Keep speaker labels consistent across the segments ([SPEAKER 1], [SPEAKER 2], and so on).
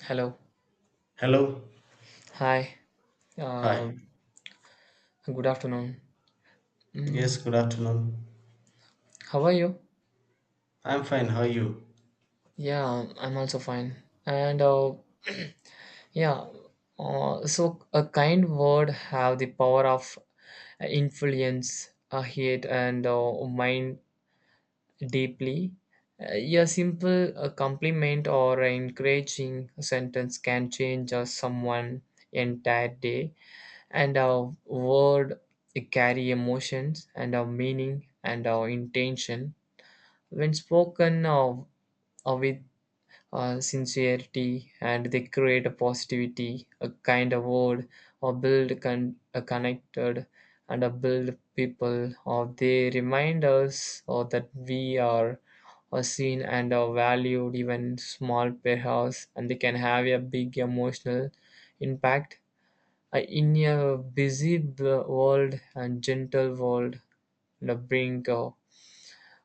[SPEAKER 1] Hello.
[SPEAKER 2] Hello.
[SPEAKER 1] Hi. Uh,
[SPEAKER 2] Hi.
[SPEAKER 1] Good afternoon.
[SPEAKER 2] Yes,
[SPEAKER 1] Mm,
[SPEAKER 2] good afternoon.
[SPEAKER 1] how are you?
[SPEAKER 2] I'm fine. How are you?
[SPEAKER 1] Yeah, I'm also fine. And yeah, so a kind word have the power of influence a hate and mind deeply. A simple compliment or an encouraging sentence can change someone entire day. And our word carry emotions and our meaning and our intention when spoken of with sincerity, and they create a positivity, a kind of word or build a connected, and a build people or they remind us or that we are seen and are valued even small perhaps, and they can have a big emotional impact in a busy world and gentle world, the brink of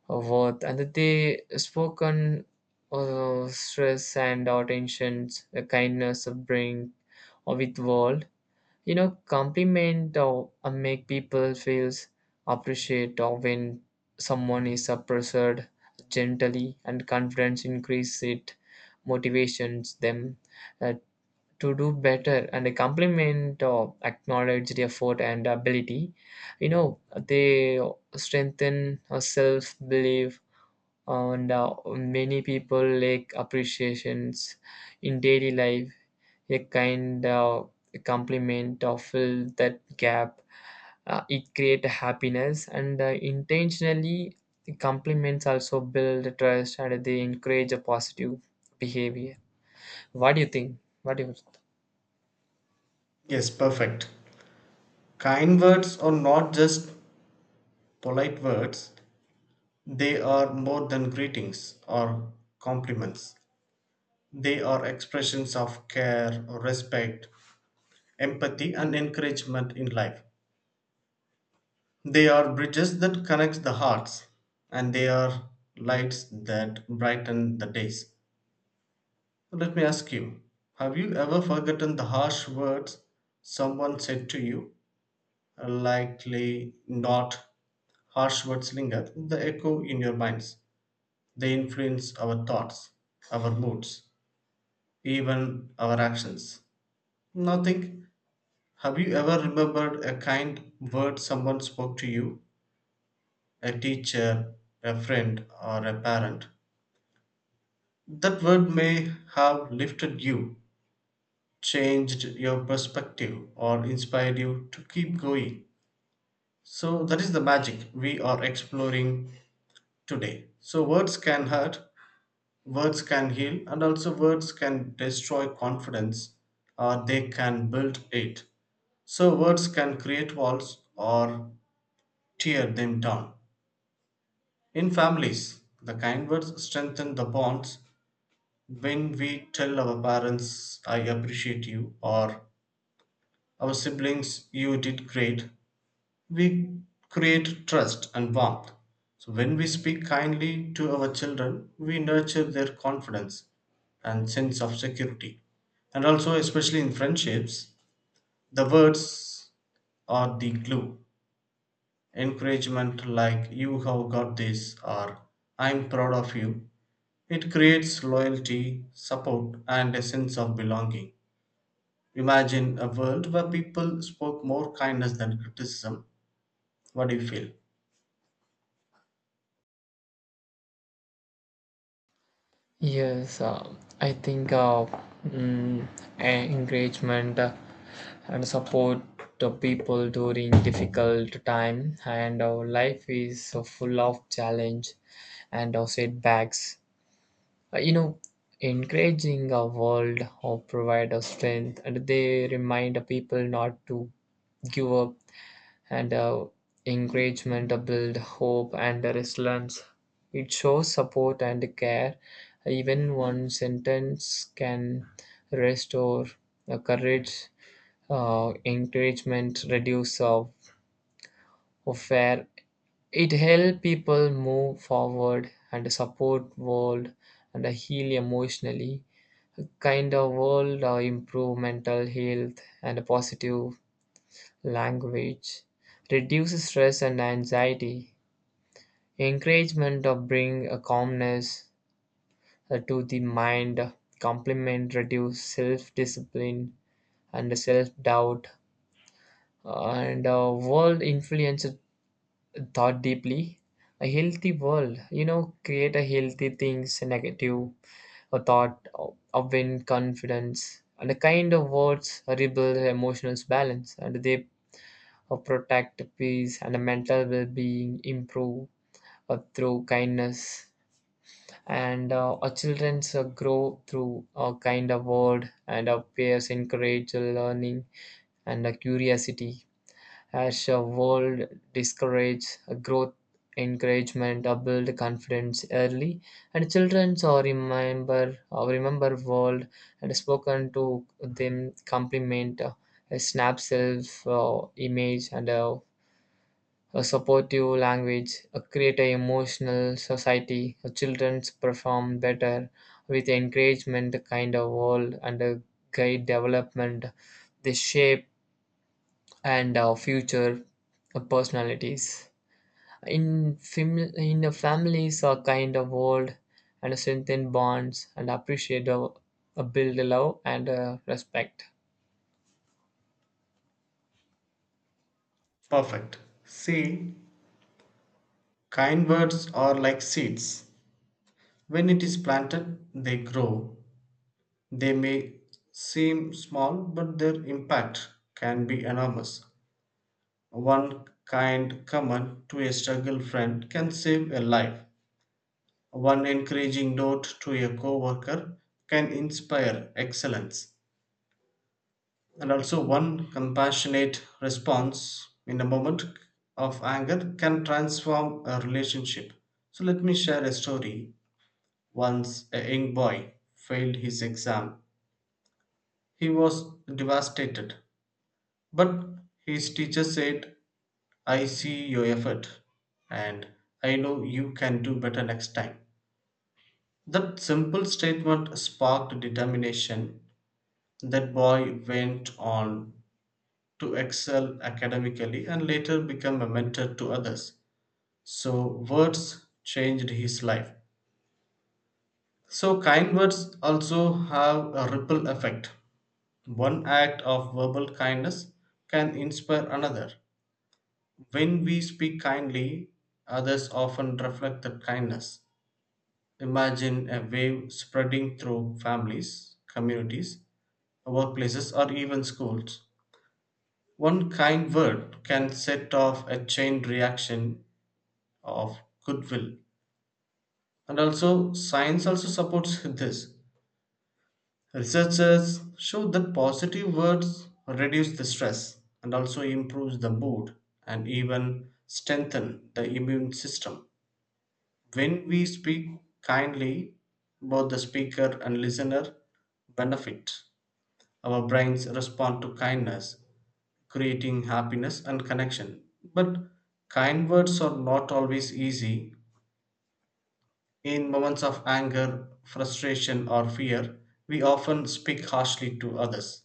[SPEAKER 1] of worth, and that they spoken stress and attentions, the kindness of brink or with world. Compliment or make people feels appreciate, or when someone is appreciated gently and confidence increase it motivations them uh, to do better, and a compliment of acknowledged effort and ability, you know they strengthen our self-belief, and many people like appreciations in daily life. A kind of compliment or fill that gap. It create happiness, and intentionally compliments also build trust, and they encourage a positive behavior. What do you think, what do you
[SPEAKER 2] Yes, perfect. Kind words are not just polite words, they are more than greetings or compliments. They are expressions of care, respect, empathy, and encouragement in life. They are bridges that connect the hearts, and they are lights that brighten the days. Let me ask you, have you ever forgotten the harsh words someone said to you? Likely not. Harsh words linger, the echo in your minds. They influence our thoughts, our moods, even our actions. Now think, have you ever remembered a kind word someone spoke to you? A teacher, a friend, or a parent. That word may have lifted you, changed your perspective, or inspired you to keep going. So that is the magic we are exploring today. So words can hurt, words can heal, and also words can destroy confidence or they can build it. So words can create walls or tear them down. In families, the kind words strengthen the bonds. When we tell our parents, I appreciate you, or our siblings, you did great, we create trust and warmth. So when we speak kindly to our children, we nurture their confidence and sense of security. And also, especially in friendships, the words are the glue. Encouragement like you have got this or I'm proud of you. It creates loyalty, support, and a sense of belonging. Imagine a world where people spoke more kindness than criticism. What do you feel?
[SPEAKER 1] Yes, I think, mm, encouragement and support the people during difficult time and our life is so full of challenge and our setbacks. Uh, you know, Encouraging our world or provide us strength, and they remind the people not to give up. And encouragement build hope and resilience. It shows support and care. Even one sentence can restore courage. Encouragement reduce of fear. It help people move forward and support world, and heal emotionally. Kind of world improve mental health and positive language reduces stress and anxiety. Encouragement of bring a calmness to the mind. Compliment reduce self-discipline and self-doubt, and a world influence thought deeply. A healthy world, create a healthy things, negative a thought of win confidence, and the kind of words rebuild emotional balance, and they protect peace, and mental well-being improve through kindness. And our childrens grow through a kind of word, and our peers encourage learning and curiosity as a world discourage growth. Encouragement build confidence early, and children remember world and spoken to them. Compliment a snap self image, and a supportive language, a create an emotional society, a children perform better with encouragement the kind of world and a guide development. They shape and our future personalities. In the families a kind of world and strengthen bonds, and appreciate build love and respect.
[SPEAKER 2] Perfect. See, kind words are like seeds. When it is planted, they grow. They may seem small, but their impact can be enormous. One kind comment to a struggle friend can save a life. One encouraging note to a coworker can inspire excellence. And also one compassionate response in a moment of anger can transform a relationship. So let me share a story. Once a young boy failed his exam. He was devastated, but his teacher said, I see your effort and I know you can do better next time. That simple statement sparked determination. That boy went on to excel academically and later become a mentor to others. So, words changed his life. So, kind words also have a ripple effect. One act of verbal kindness can inspire another. When we speak kindly, others often reflect that kindness. Imagine a wave spreading through families, communities, workplaces, or even schools. One kind word can set off a chain reaction of goodwill. And also science also supports this. Researchers show that positive words reduce the stress and also improves the mood and even strengthen the immune system. When we speak kindly, both the speaker and listener benefit. Our brains respond to kindness, creating happiness and connection. But kind words are not always easy. In moments of anger, frustration, or fear, we often speak harshly to others.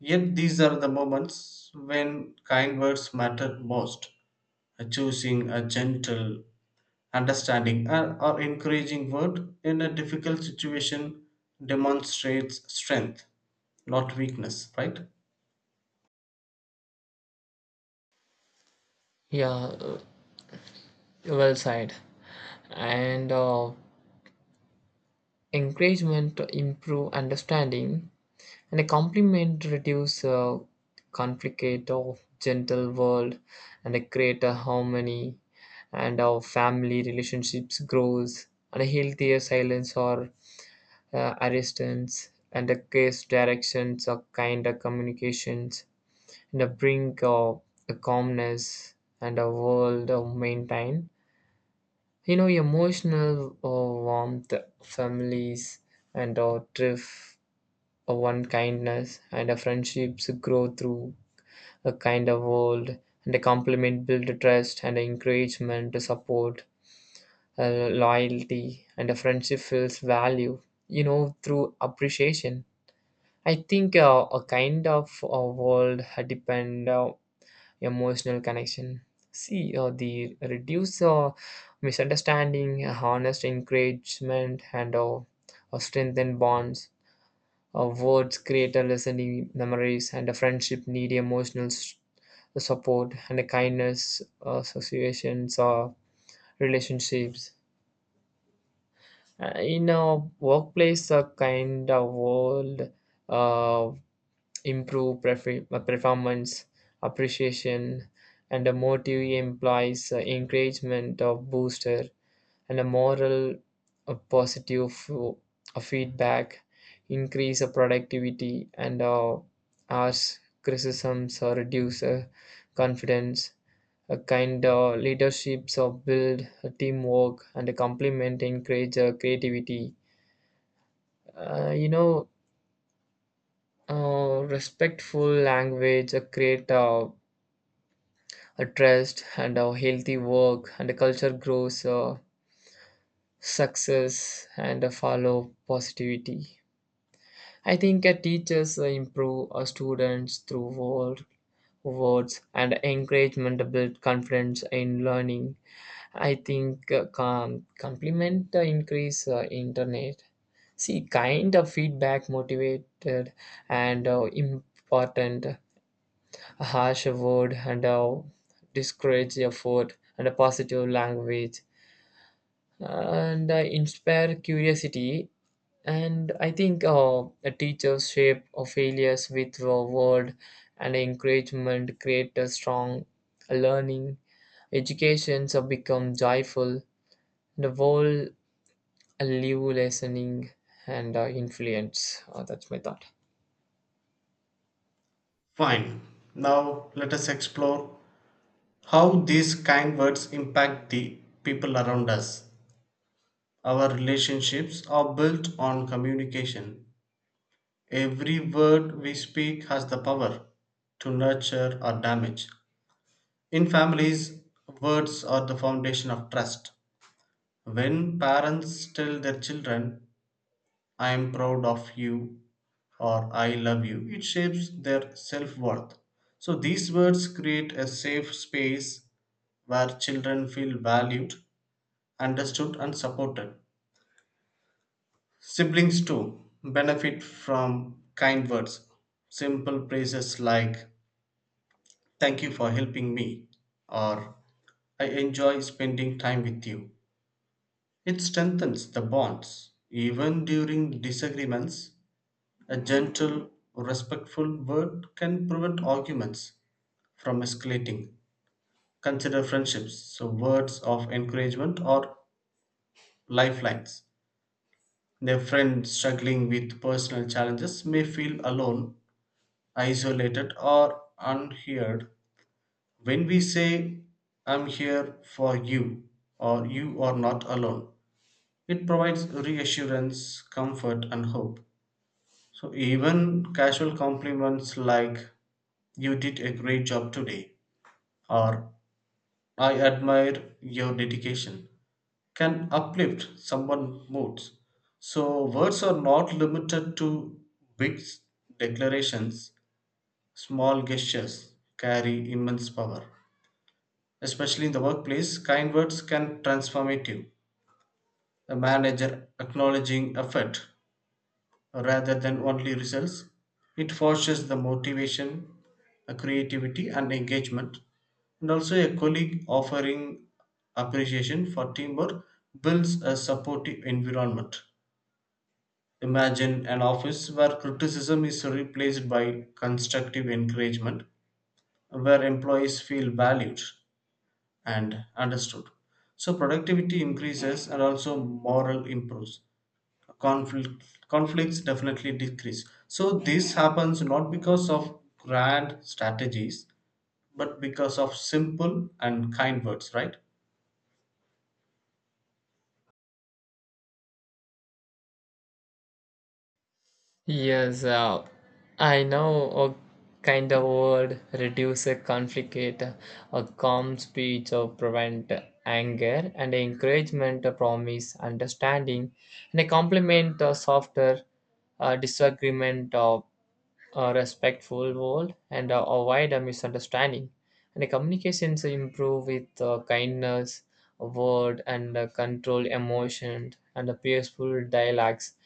[SPEAKER 2] Yet these are the moments when kind words matter most. Choosing a gentle, understanding, or encouraging word in a difficult situation demonstrates strength, not weakness, right?
[SPEAKER 1] Yeah, well said. And encouragement to improve understanding, and a compliment to reduce conflict of gentle world and a greater harmony, and our family relationships grows, and a healthier silence or arrestance, and a case directions or kinder communications, and a brink of a calmness, and a world of maintain, emotional warmth, families, and or drift, one kindness. And a friendships grow through a kind of world, and a compliment build a trust, and a encouragement, a support, a loyalty, and a friendship feels value. Through appreciation. I think a kind of world depend emotional connection. See, the reduce misunderstanding, honest encouragement, and strengthen bonds. Words create a listening memories, and a friendship need emotional support, and a kindness associations or relationships. In a workplace, a kind of world, uh, improve performance, appreciation and a motive implies encouragement of booster and a moral positive feedback increase of productivity, and harsh criticisms or reduce confidence. A kind of leaderships of build a teamwork, and a complement encourage creativity. uh, you know Respectful language create a trust, and a healthy work and a culture grows success, and a follow positivity. I think a teachers improve our students through words and encouragement to build confidence in learning. I think compliment the increase internet. See, kind of feedback motivated and important. A harsh word and discourage effort, and a positive language, and I inspire curiosity. And I think a teachers shape of failures with a word, and encouragement create a strong learning. Educations have become joyful. The world live listening, and influence. That's my thought.
[SPEAKER 2] Fine. Now let us explore how these kind words impact the people around us. Our relationships are built on communication. Every word we speak has the power to nurture or damage. In families, words are the foundation of trust. When parents tell their children, I am proud of you or I love you, it shapes their self worth. So these words create a safe space where children feel valued, understood, and supported. Siblings too benefit from kind words. Simple praises like, thank you for helping me, or I enjoy spending time with you. It strengthens the bonds. Even during disagreements, a gentle, respectful word can prevent arguments from escalating. Consider friendships, so words of encouragement or lifelines. Their friend struggling with personal challenges may feel alone, isolated, or unheard. When we say I'm here for you or you are not alone, it provides reassurance, comfort, and hope. So even casual compliments like you did a great job today or I admire your dedication can uplift someone's moods. So words are not limited to big declarations. Small gestures carry immense power. Especially in the workplace, kind words can transformative. A manager acknowledging effort rather than only results. It fosters the motivation, creativity, and engagement. And also a colleague offering appreciation for teamwork builds a supportive environment. Imagine an office where criticism is replaced by constructive encouragement, where employees feel valued and understood. So productivity increases and also moral improves. Conflict, Conflicts definitely decrease. So this happens not because of grand strategies, but because of simple and kind words, right?
[SPEAKER 1] Yes, I know a kind of word reduce a conflict, a calm speech, or prevent anger, and encouragement, a promise, understanding, and a compliment, a softer disagreement, or a respectful world and avoid a misunderstanding. And the communications improve with kindness, word, and control emotion, and the peaceful dialogues,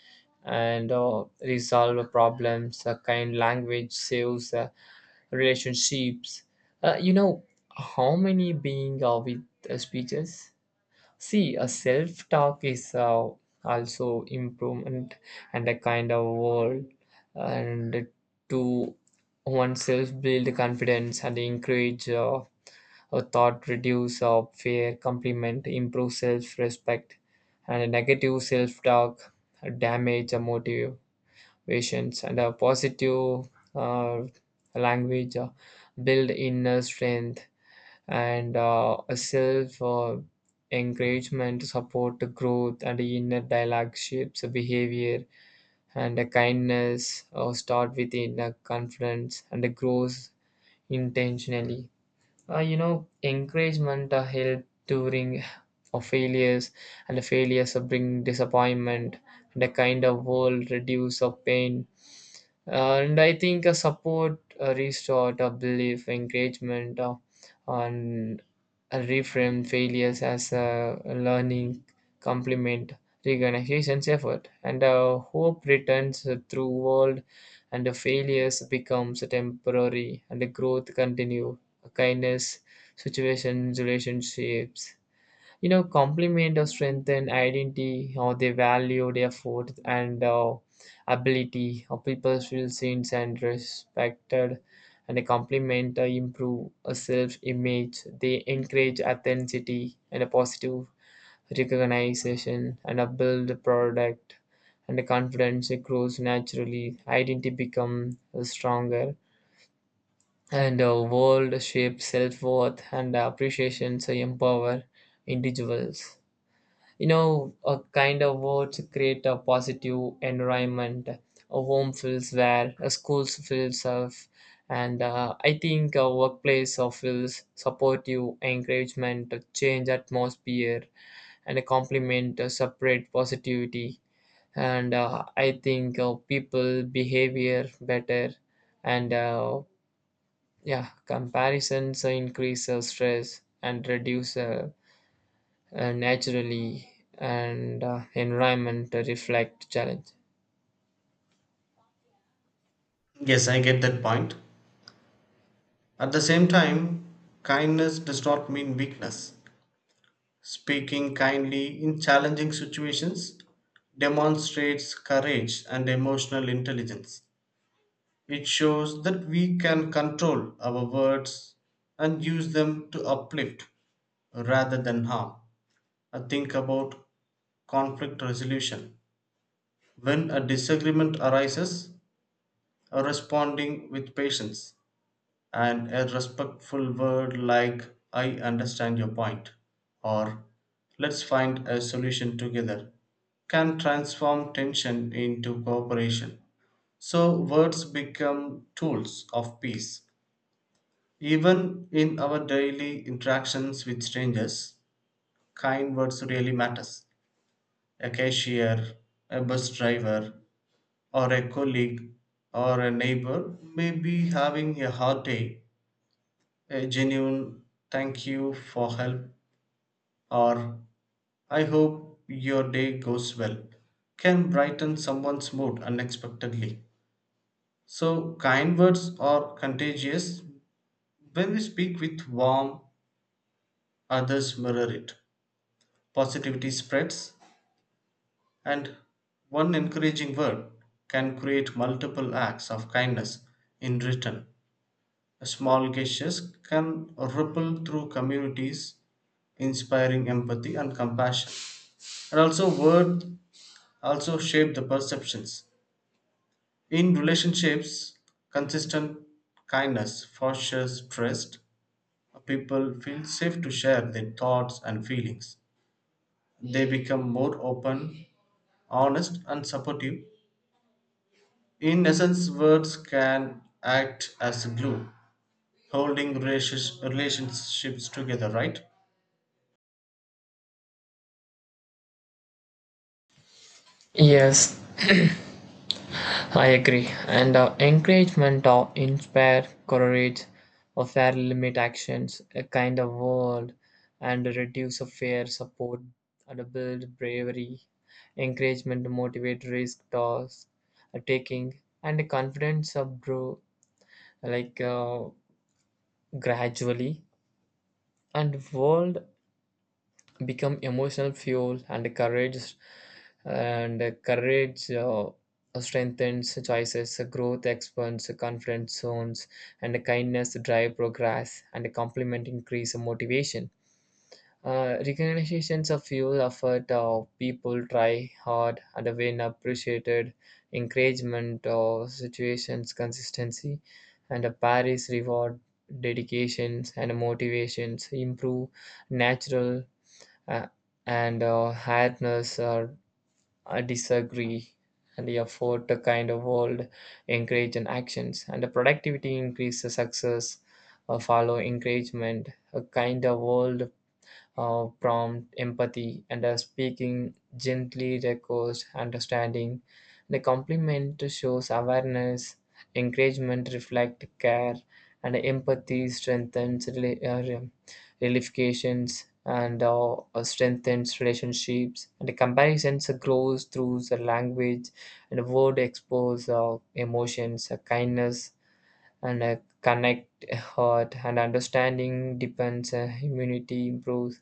[SPEAKER 1] and resolve problems. A kind language saves relationships. You know how many being are with speeches? See, a self talk is also improvement and a kind of world, and to oneself build confidence and encourage a thought, reduce fear, compliment, improve self respect, and a negative self talk damage motivations, and a positive uh, language build inner strength, and a self encouragement support the growth, and the inner dialogue shapes the behavior, and the kindness start within the confidence and the grows intentionally. Encouragement help during failures, and the failures bring disappointment, and the kind of world reduce of pain. And I think a support restore a belief. Encouragement on reframed failures as a learning. Complement recognition's effort, and hope returns through world, and the failures becomes temporary, and the growth continue. Kindness situations, relationships. Complement or strengthen identity, how they value their effort and ability, how people feel seen and respected. And a compliment improve a self image. They encourage authenticity, and a positive recognition and a build product, and the confidence grows naturally. Identity become stronger, and a world shapes self-worth and appreciation, so empower individuals. A kind of words create a positive environment, a home feels where a school feels safe. And I think a workplace feels supportive. Encouragement a change atmosphere, and a compliment a separate positivity. And I think people behavior better. And yeah, comparisons increase stress and reduce naturally. And environment reflect challenge.
[SPEAKER 2] Yes, I get that point. At the same time, kindness does not mean weakness. Speaking kindly in challenging situations demonstrates courage and emotional intelligence. It shows that we can control our words and use them to uplift rather than harm. I think about conflict resolution. When a disagreement arises, responding with patience and a respectful word like, I understand your point, or let's find a solution together, can transform tension into cooperation. So, words become tools of peace. Even in our daily interactions with strangers, kind words really matters. A cashier, a bus driver, or a colleague or a neighbor may be having a hard day. A genuine thank you for help or I hope your day goes well can brighten someone's mood unexpectedly. So, kind words are contagious. When we speak with warmth, others mirror it. Positivity spreads, and one encouraging word can create multiple acts of kindness in return. Small gestures can ripple through communities, inspiring empathy and compassion. And also, words also shape the perceptions. In relationships, consistent kindness fosters trust. People feel safe to share their thoughts and feelings. They become more open, honest, and supportive. In essence, words can act as a glue, holding relationships together, right?
[SPEAKER 1] Yes, I agree. And encouragement or inspire courage, or fair limit actions, a kind of world, and reduce of fear, support, and build bravery, encouragement to motivate risk toss, taking, and the confidence of grow like gradually, and world become emotional fuel and courage strengthens choices, growth expands confidence zones, and kindness drive progress, and complement increase motivation. Recognitions of fuel effort of people try hard, and when appreciated, encouragement of situations consistency, and a paris reward dedications and motivations improve natural. uh, and hardness or disagree, and the effort to kind of world encourage and actions, and the productivity increase the success. Follow encouragement, a kind of world prompt empathy, and speaking gently requires understanding. The compliment shows awareness, encouragement reflect care, and empathy strengthens relations, and strengthens relationships. And the comparisons grows through the language, and the word expose emotions, kindness, and connect heart, and understanding depends immunity improves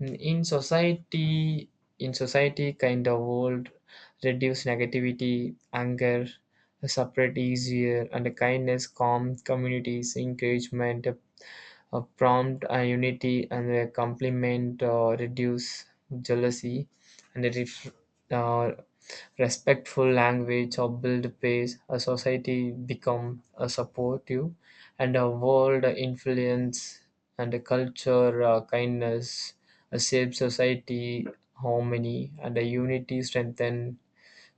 [SPEAKER 1] in society. Kind of world reduce negativity, anger separate easier, and kindness calm communities. Encouragement a prompt a unity, and a compliment reduce jealousy, and a uh, respectful language or build pace. A society become a supportive, and a world influence, and a culture kindness a safe society. Harmony and a unity strengthen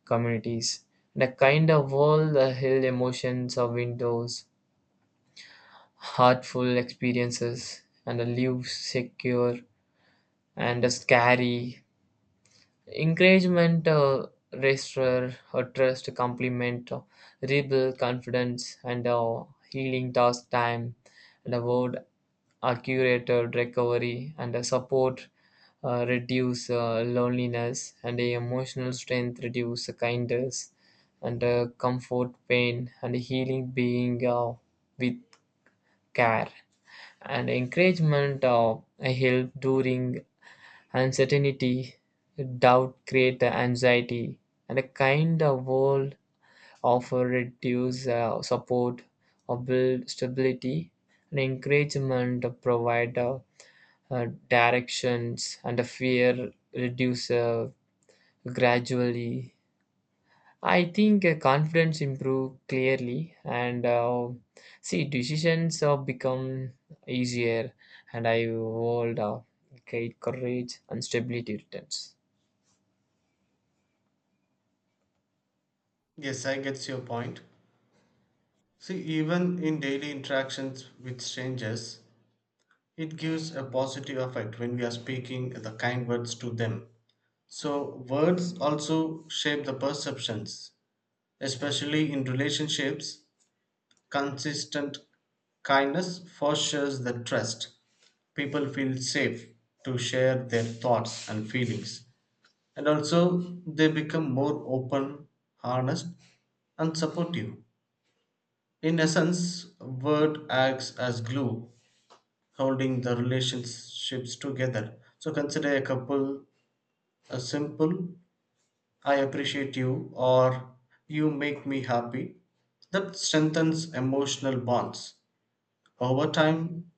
[SPEAKER 1] communities. And a kind of world hill emotions of windows, hurtful experiences, and a live secure and a scary encouragement restorer or trust. Compliment rebuild confidence, and healing task time, and a word accurate recovery, and a support reduce loneliness, and a emotional strength reduce kindness, and comfort pain and healing being with care, and encouragement help during uncertainty. Doubt create anxiety, and a kind of world offer reduce support or build stability, and encouragement provide directions, and the fear reduce gradually. I think confidence improve clearly, and see, decisions have become easier, and I hold great courage and stability returns.
[SPEAKER 2] Yes, I get your point. See, even in daily interactions with strangers, it gives a positive effect when we are speaking the kind words to them. So, words also shape the perceptions, especially in relationships. Consistent kindness fosters the trust. People feel safe to share their thoughts and feelings, and also they become more open, honest, and supportive. In essence, word acts as glue, holding the relationships together. So consider a couple, a simple I appreciate you or you make me happy, that strengthens emotional bonds. Over time,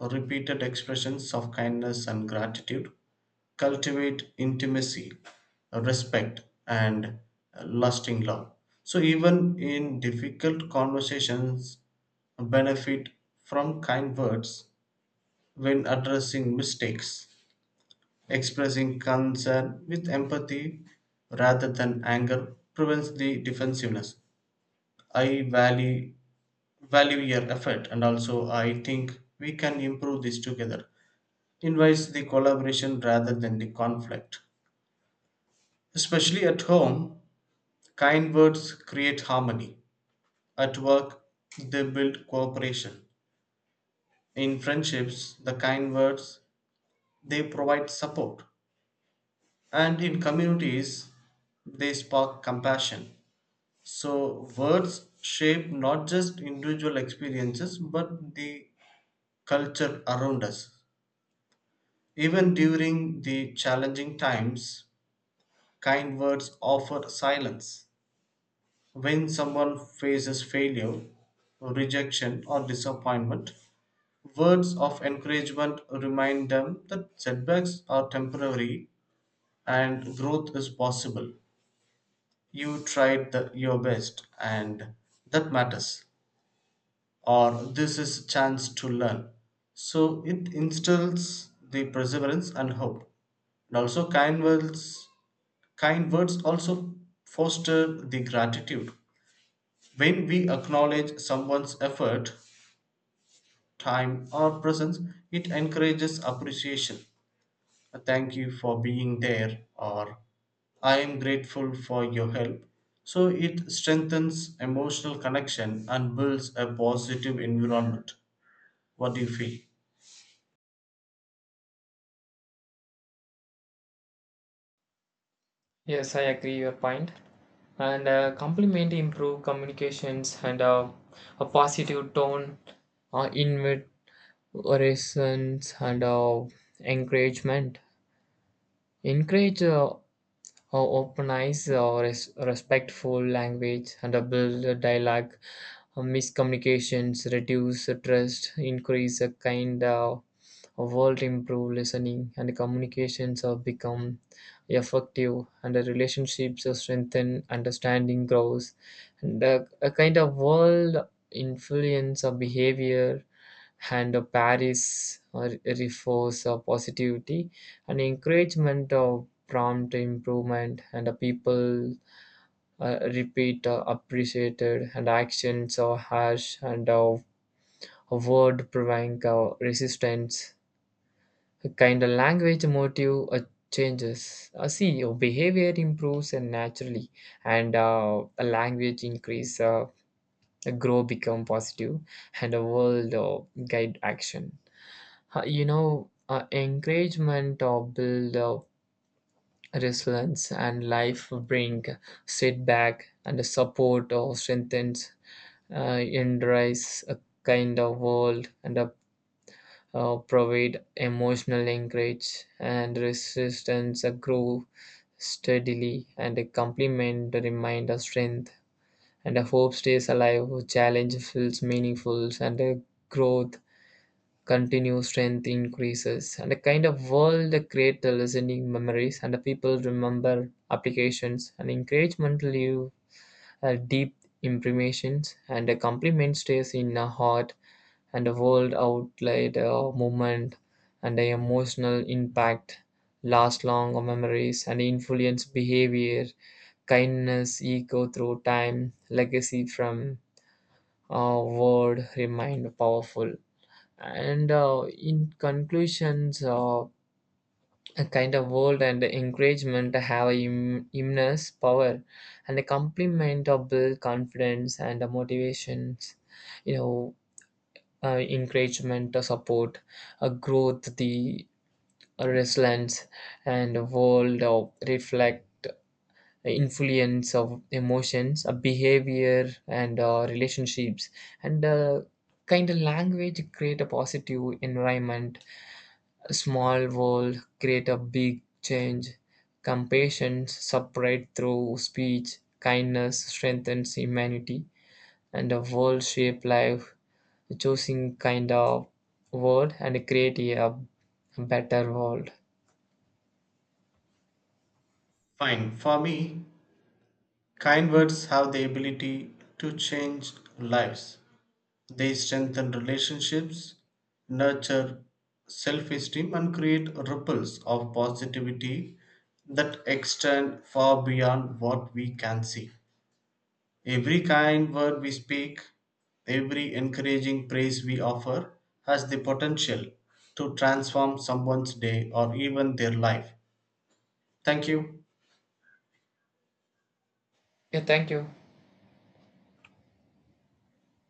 [SPEAKER 2] repeated expressions of kindness and gratitude cultivate intimacy, respect, and lasting love. So, even in difficult conversations, benefit from kind words when addressing mistakes. Expressing concern with empathy rather than anger prevents the defensiveness. I value your effort, and also I think we can improve this together, invites the collaboration rather than the conflict. Especially at home, kind words create harmony. At work, they build cooperation. In friendships, the kind words, they provide support, and in communities, they spark compassion. So words shape not just individual experiences but the culture around us. Even during the challenging times, kind words offer silence. When someone faces failure, rejection, or disappointment, words of encouragement remind them that setbacks are temporary and growth is possible. You tried your best, and that matters. Or this is a chance to learn. So it instills the perseverance and hope. And also kind words, kind words also foster the gratitude. When we acknowledge someone's effort, time, or presence, it encourages appreciation. Thank you for being there, or I am grateful for your help. So it strengthens emotional connection and builds a positive environment. What do you feel?
[SPEAKER 1] Yes, I agree your point. And complement improve communications, and a positive tone, invitations, and encouragement. Encourage. Or open eyes, or respectful language, and a build dialogue. Miscommunications reduce trust, increase a kind world improved listening, and communications have become effective, and the relationships are strengthened, understanding grows, and a kind of world influence of behavior, and a paris or reinforce of positivity, and encouragement of prompt improvement, and the people repeat appreciated, and actions are harsh and of a word prevent resistance. Kind of language motive changes. See, your behavior improves and naturally, and a language increase, a grow become positive, and a world guide action. Encouragement or build resilience, and life bring setback, and support or strengthens in rise a kind of world, and a provide emotional anchorage, and resistance grow steadily, and a complement remind us strength, and a hope stays alive, challenge feels meaningful, and a growth continues, strength increases. And a kind of world create the listening memories, and the people remember applications and encouragement live a deep imprimations, and a compliment stays in her heart, and a world outlet a movement, and a emotional impact last long or memories and influence behavior. Kindness echo through time, legacy from a word remained powerful. And in conclusions, a kind of world and encouragement have a immense power, and a complement of build confidence and the motivations. you know Encouragement the support a growth, the resilience, and a world of reflect influence of emotions a behavior and relationships, and kind of language create a positive environment. A small world create a big change. Compassion spread through speech. Kindness strengthens humanity. And a world shape life, choosing kind of word and create a better world.
[SPEAKER 2] Fine. For me, kind words have the ability to change lives. They strengthen relationships, nurture self esteem, and create ripples of positivity that extend far beyond what we can see. Every kind word we speak, every encouraging praise we offer, has the potential to transform someone's day or even their life. Thank you.
[SPEAKER 1] Yeah, thank you.